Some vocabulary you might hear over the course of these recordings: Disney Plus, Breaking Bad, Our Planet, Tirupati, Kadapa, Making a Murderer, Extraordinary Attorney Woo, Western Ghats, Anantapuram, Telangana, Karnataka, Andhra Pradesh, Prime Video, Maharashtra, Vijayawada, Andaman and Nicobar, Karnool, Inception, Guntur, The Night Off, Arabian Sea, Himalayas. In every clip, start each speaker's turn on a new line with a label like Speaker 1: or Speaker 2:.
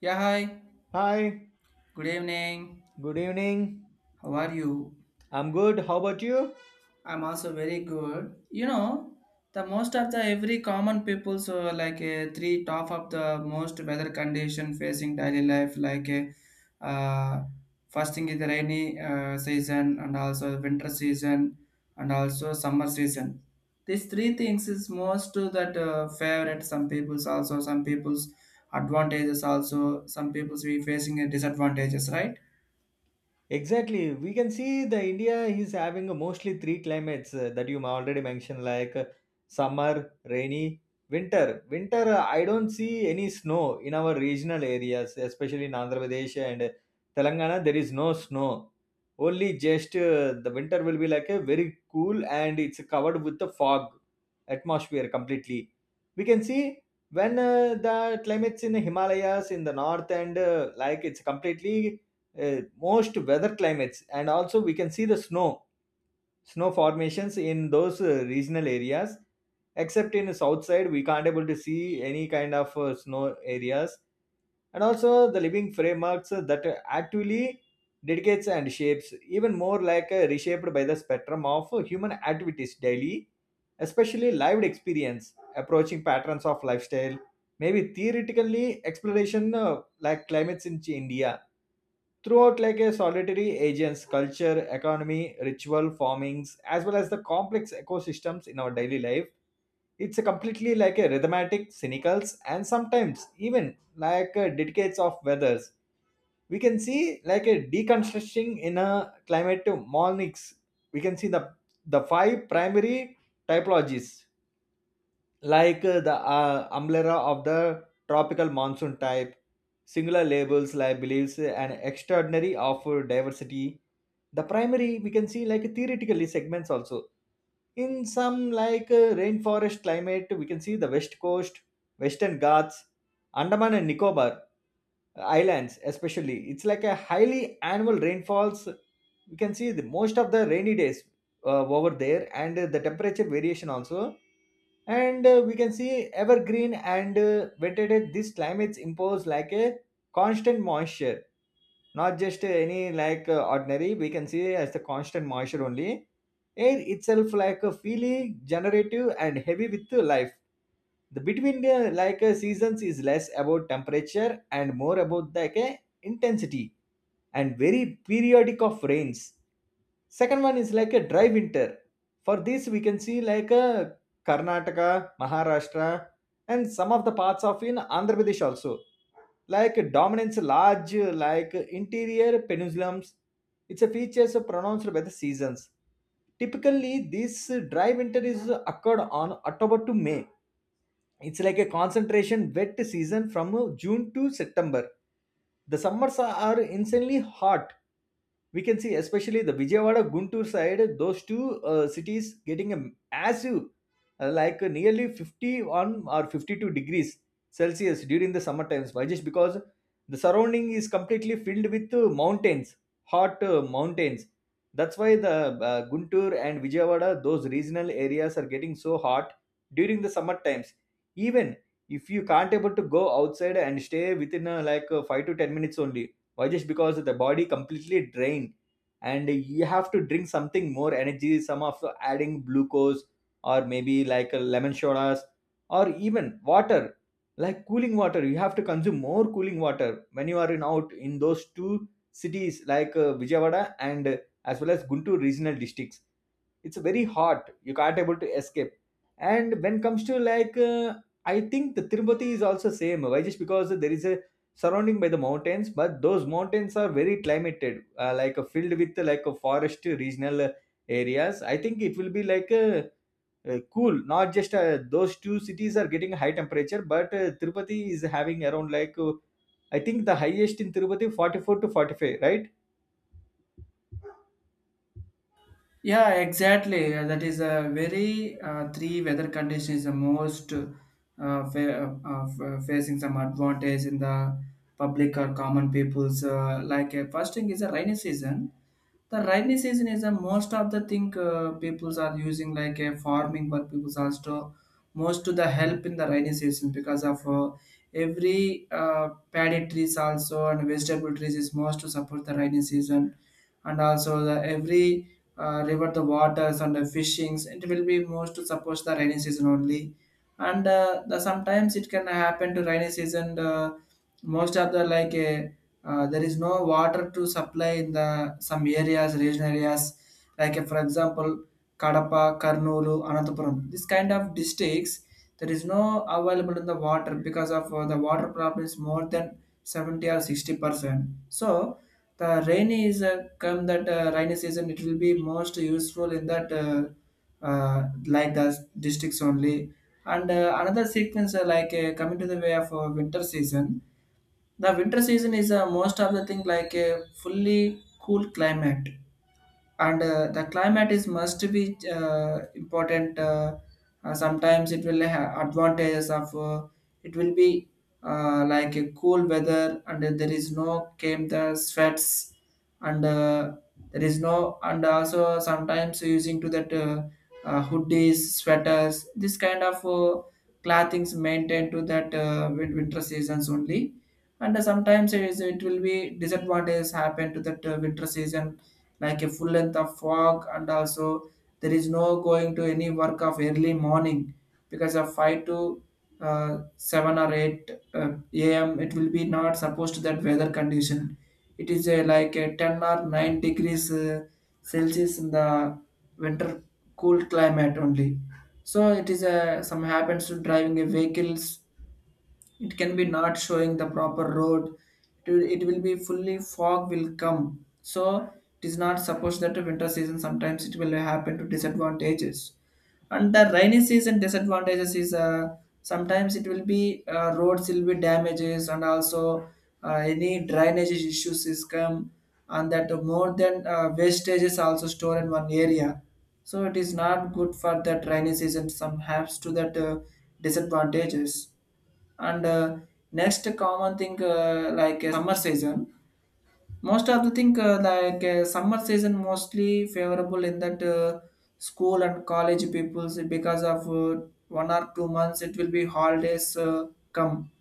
Speaker 1: Yeah, hi.
Speaker 2: Hi,
Speaker 1: Good evening.
Speaker 2: good evening.
Speaker 1: How are you?
Speaker 2: I'm good. How about you?
Speaker 1: I'm also very good. You know, the most of the every common people so like three top of the most weather condition facing daily life like first thing is the rainy season and also winter season and also summer season. These three things is most to that favorite some people's also some people's advantages also some people's we facing a disadvantages, right?
Speaker 2: Exactly. We can see the India is having a mostly three climates that you already mentioned, like summer, rainy, winter. Winter, I don't see any snow in our regional areas, especially in Andhra Pradesh and Telangana. There is no snow. Only just the winter will be like a very cool and it's covered with the fog atmosphere completely. We can see when the climates in the Himalayas in the north and like it's completely most weather climates, and also we can see the snow formations in those regional areas, except in the south side we can't able to see any kind of snow areas. And also the living frameworks that actually dedicates and shapes even more, like reshaped by the spectrum of human activities daily, especially lived experience approaching patterns of lifestyle, maybe theoretically exploration like climates in India, throughout like a solitary agents culture economy ritual formings as well as the complex ecosystems in our daily life. It's a completely like a rhythmatic cynicals, and sometimes even like a decades of weathers we can see like a deconstructing in a climate monics. We can see the five primary typologies, like the umbrella of the tropical monsoon type, singular labels like believes an extraordinary of diversity. The primary we can see like theoretically segments also in some, like rainforest climate we can see the west coast, western Ghats, Andaman and Nicobar islands, especially it's like a highly annual rainfalls. We can see the most of the rainy days over there, and the temperature variation also. And we can see evergreen and vegetated these climates impose like a constant moisture, not just any like ordinary, we can see as the constant moisture only. Air itself like a feeling generative and heavy with life. The between the like seasons is less about temperature and more about like a intensity and very periodic of rains. Second one is like a dry winter. For this we can see like a Karnataka, Maharashtra, and some of the parts of in Andhra Pradesh also, like dominates large, like interior peninsulums. It's a features pronounced by the seasons. Typically this dry winter is occurred on October to May. It's like a concentration wet season from June to September. The summers are insanely hot. We can see especially the Vijayawada Guntur side, those two cities getting a massive nearly 51 or 52 degrees Celsius during the summer times. Why? Just because the surrounding is completely filled with mountains, hot mountains. That's why the Guntur and Vijayawada, those regional areas are getting so hot during the summer times. Even if you can't able to go outside and stay within 5 to 10 minutes only. Why? Just because the body completely drained, and you have to drink something more energy, some of the adding glucose, or maybe like lemon sodas, or even water, like cooling water. You have to consume more cooling water when you are in out in those two cities, like Vijayawada and as well as Guntur regional districts. It's very hot, you can't able to escape. And when comes to like uh, I think the Tirupati is also same. Why? Just because there is a surrounding by the mountains, but those mountains are very climated, like filled with like a forest regional areas. I think it will be like cool. Not just those two cities are getting high temperature, but Tirupati is having around, like I think the highest in Tirupati 44 to 45, right?
Speaker 1: Yeah, exactly. That is a very three weather condition is the most facing some advantage in the public or common people's. First thing is a rainy season. The rainy season is the most of the thing peoples are using like a farming, but peoples also most to the help in the rainy season because of every paddy trees also and vegetable trees is most to support the rainy season, and also the every river the waters and the fishings, it will be most to support the rainy season only. And the sometimes it can happen to rainy season, most of the like a there is no water to supply in the some areas regional areas, like for example Kadapa, Karnool, Anantapuram. This kind of districts there is no available in the water because of the water problem is more than 70 or 60%. So the rainy is come that rainy season, it will be most useful in that like the districts only. And another sequence coming to the way of winter season. The winter season is most of the thing like a fully cool climate, and the climate is must be important. Sometimes it will have advantages of it will be like a cool weather, and then there is no came the sweats. And there is no, and also sometimes using to that hoodies, sweaters, this kind of clothings maintained to that winter seasons only. And sometimes it will be disadvantages happen to that winter season, like a full length of fog, and also there is no going to any work of early morning because of 5 to 7 or 8 am it will be not supposed to that weather condition. It is a, like a 10 or 9 degrees celsius in the winter cool climate only. So it is a some happens to driving a vehicles. It can be not showing the proper road. It will be fully fog will come. So it is not supposed that the winter season, sometimes it will happen to disadvantages. And the rainy season disadvantages is sometimes it will be roads will be damages, and also any drainage issues is come, and that more than wastages also store in one area. So it is not good for that rainy season, some has to that disadvantages. And next common thing, summer season, most of the thing summer season mostly favorable in that school and college peoples because of one or two months it will be holidays come.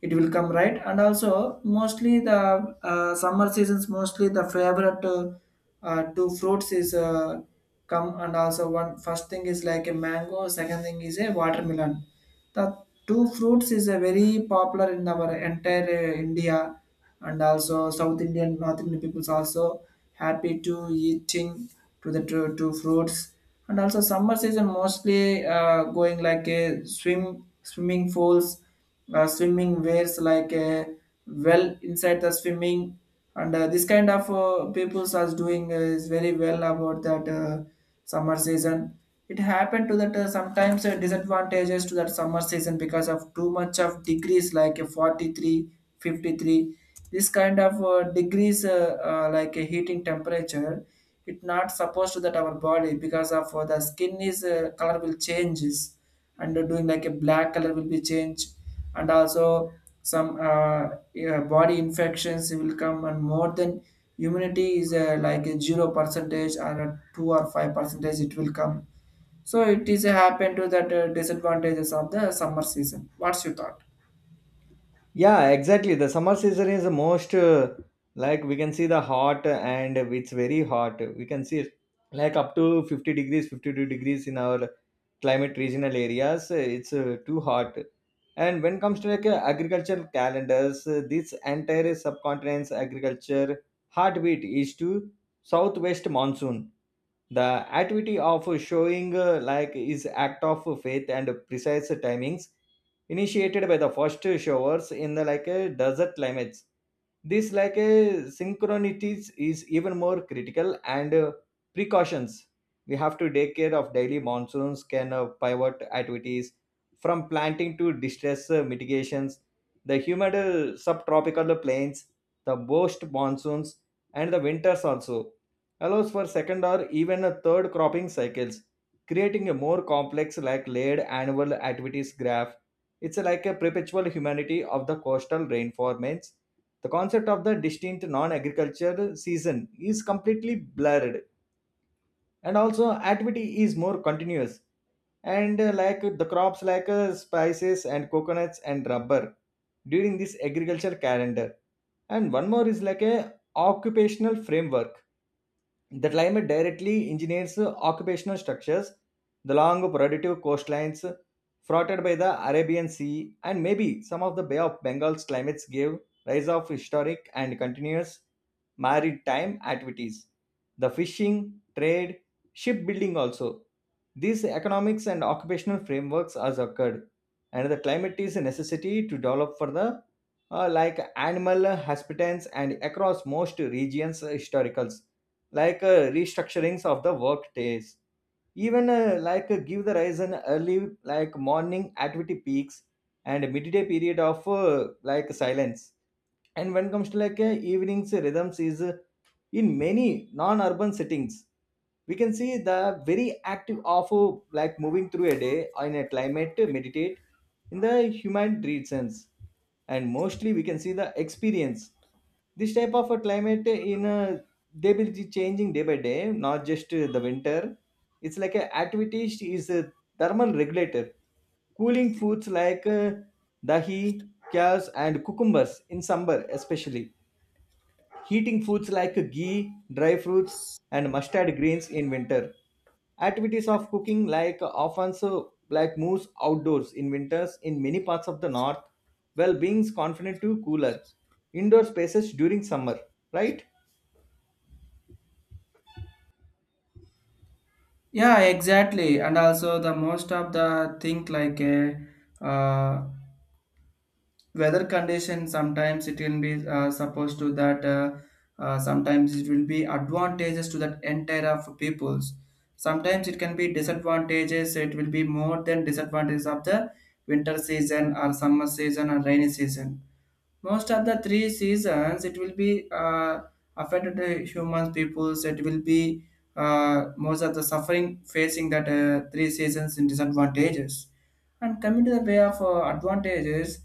Speaker 1: It will come, right? And also mostly the summer seasons mostly the favorite two fruits is come. And also one first thing is like a mango, second thing is a watermelon. The two fruits is a very popular in our entire india. And also south indian, north indian peoples also happy to eating to the two fruits. And also summer season mostly going like a swimming pools, swimming wears, like a well inside the swimming. And this kind of people are doing is very well about that summer season. It happened to that sometimes disadvantages to that summer season because of too much of degrees like 43, 53. This kind of degrees like a heating temperature. It not supposed to that our body because of the skin is color will changes, and doing like a black color will be changed. And also some yeah, body infections will come, and more than immunity is like a zero percentage or a two or five percentage, it will come. So it is happen to that disadvantages of the summer season. What's your thought?
Speaker 2: Yeah, exactly. The summer season is the most, like we can see the hot and it's very hot. We can see it like up to 50 degrees, 52 degrees in our climate regional areas. It's too hot. And when it comes to like agricultural calendars, this entire subcontinent's agriculture heartbeat is to southwest monsoon. The activity of showing like is act of faith and precise timings, initiated by the first showers in the like a desert climates. This like a synchronities is even more critical, and precautions we have to take care of daily monsoons can pivot activities from planting to distress mitigations. The humid subtropical plains, the worst monsoons and the winters also allows for second or even a third cropping cycles, creating a more complex like layered annual activities graph. It's like a perpetual humanity of the coastal rainforests. The concept of the distinct non-agriculture season is completely blurred, and also activity is more continuous. And like the crops like spices and coconuts and rubber during this agriculture calendar. And one more is like a occupational framework. The climate directly engineers occupational structures. The long productive coastlines fronted by the Arabian Sea, and maybe some of the Bay of Bengal's climates gave rise of historic and continuous maritime activities. The fishing, trade, shipbuilding also. These economics and occupational frameworks has occurred, and the climate is a necessity to develop for the like animal hospitants. And across most regions historicals, like restructurings of the work days, even like give the rise an early like morning activity peaks, and midday period of like silence. And when it comes to like evenings rhythms is in many non-urban settings, we can see the very active of like moving through a day in a climate to meditate in the human reasons. And mostly we can see the experience this type of a climate in a they will be changing day by day, not just the winter. It's like a activity is a thermal regulator. Cooling foods like dahi cows and cucumbers in summer especially, heating foods like ghee, dry fruits, and mustard greens in winter. Activities of cooking like often so like moose outdoors in winters in many parts of the north, while being confined to cooler indoor spaces during summer, right?
Speaker 1: Yeah, exactly. And also the most of the thing like a uh, weather condition, sometimes it will be supposed to that sometimes it will be advantages to that entire of peoples. Sometimes it can be disadvantages, it will be more than disadvantages of the winter season or summer season or rainy season. Most of the three seasons, it will be affected the human peoples. It will be most of the suffering facing that three seasons in disadvantages. And coming to the way of advantages,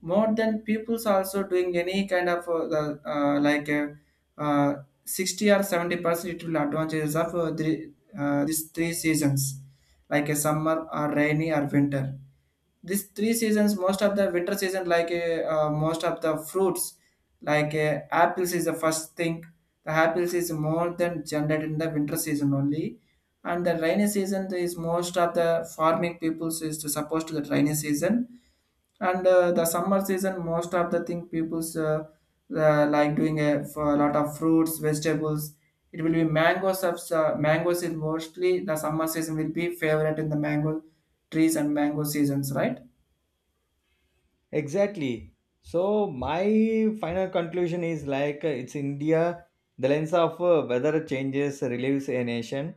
Speaker 1: more than people's also doing any kind of the, like 60 or 70%, it will advantages of these three seasons, like a summer or rainy or winter. This three seasons, most of the winter season, like most of the fruits, like apples is the first thing. The apples is more than generated in the winter season only, and the rainy season is most of the farming peoples is to supposed to the rainy season. And the summer season, most of the thing peoples like doing a for a lot of fruits, vegetables. It will be mangoes of mangoes is mostly the summer season will be favorite in the mango trees and mango seasons, right?
Speaker 2: Exactly. So my final conclusion is like it's India. The lens of weather changes relieves a nation,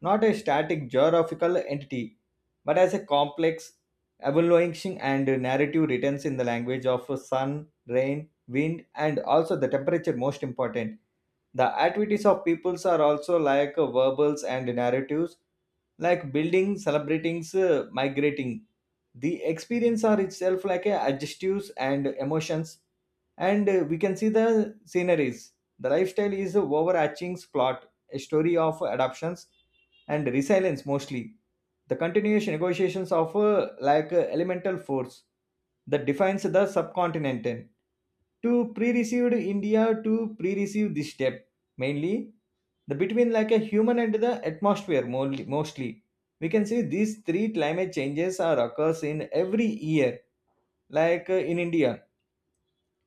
Speaker 2: not a static geographical entity, but as a complex, evolution and narrative written in the language of sun, rain, wind, and also the temperature most important. The activities of peoples are also like verbals and narratives, like building, celebrating, migrating. The experience are itself like a adjectives and emotions, and we can see the sceneries. The lifestyle is a overarching plot, a story of adoptions and resilience mostly. The continuous negotiations of like elemental force that defines the subcontinent to pre-received India, to pre-receive this step. Mainly the between like a human and the atmosphere mostly we can see these three climate changes are occurs in every year, like in India.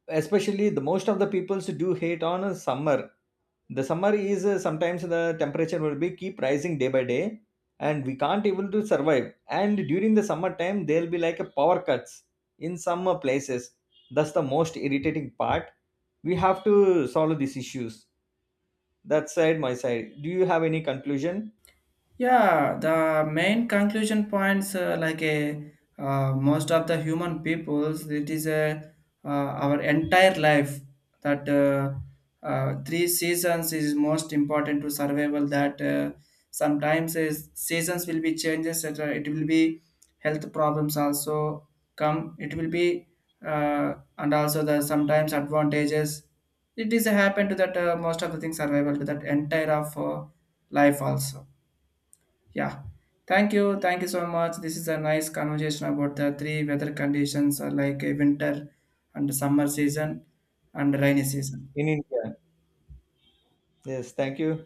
Speaker 2: Especially the most of the peoples do hate on summer. The summer is sometimes the temperature will be keep rising day by day, and we can't able to survive. And during the summer time there'll be like a power cuts in some places. That's the most irritating part. We have to solve these issues. That side, my side, do you have any conclusion
Speaker 1: Yeah, the main conclusion points like a most of the human peoples, it is a our entire life that three seasons is most important to survival. That sometimes is seasons will be changes. That, it will be health problems also come. It will be and also the sometimes advantages. It is happen to that most of the things survival to that entire of life also. Yeah. Thank you. Thank you so much. This is a nice conversation about the three weather conditions, winter and summer season and rainy season.
Speaker 2: in India? Yes, thank you.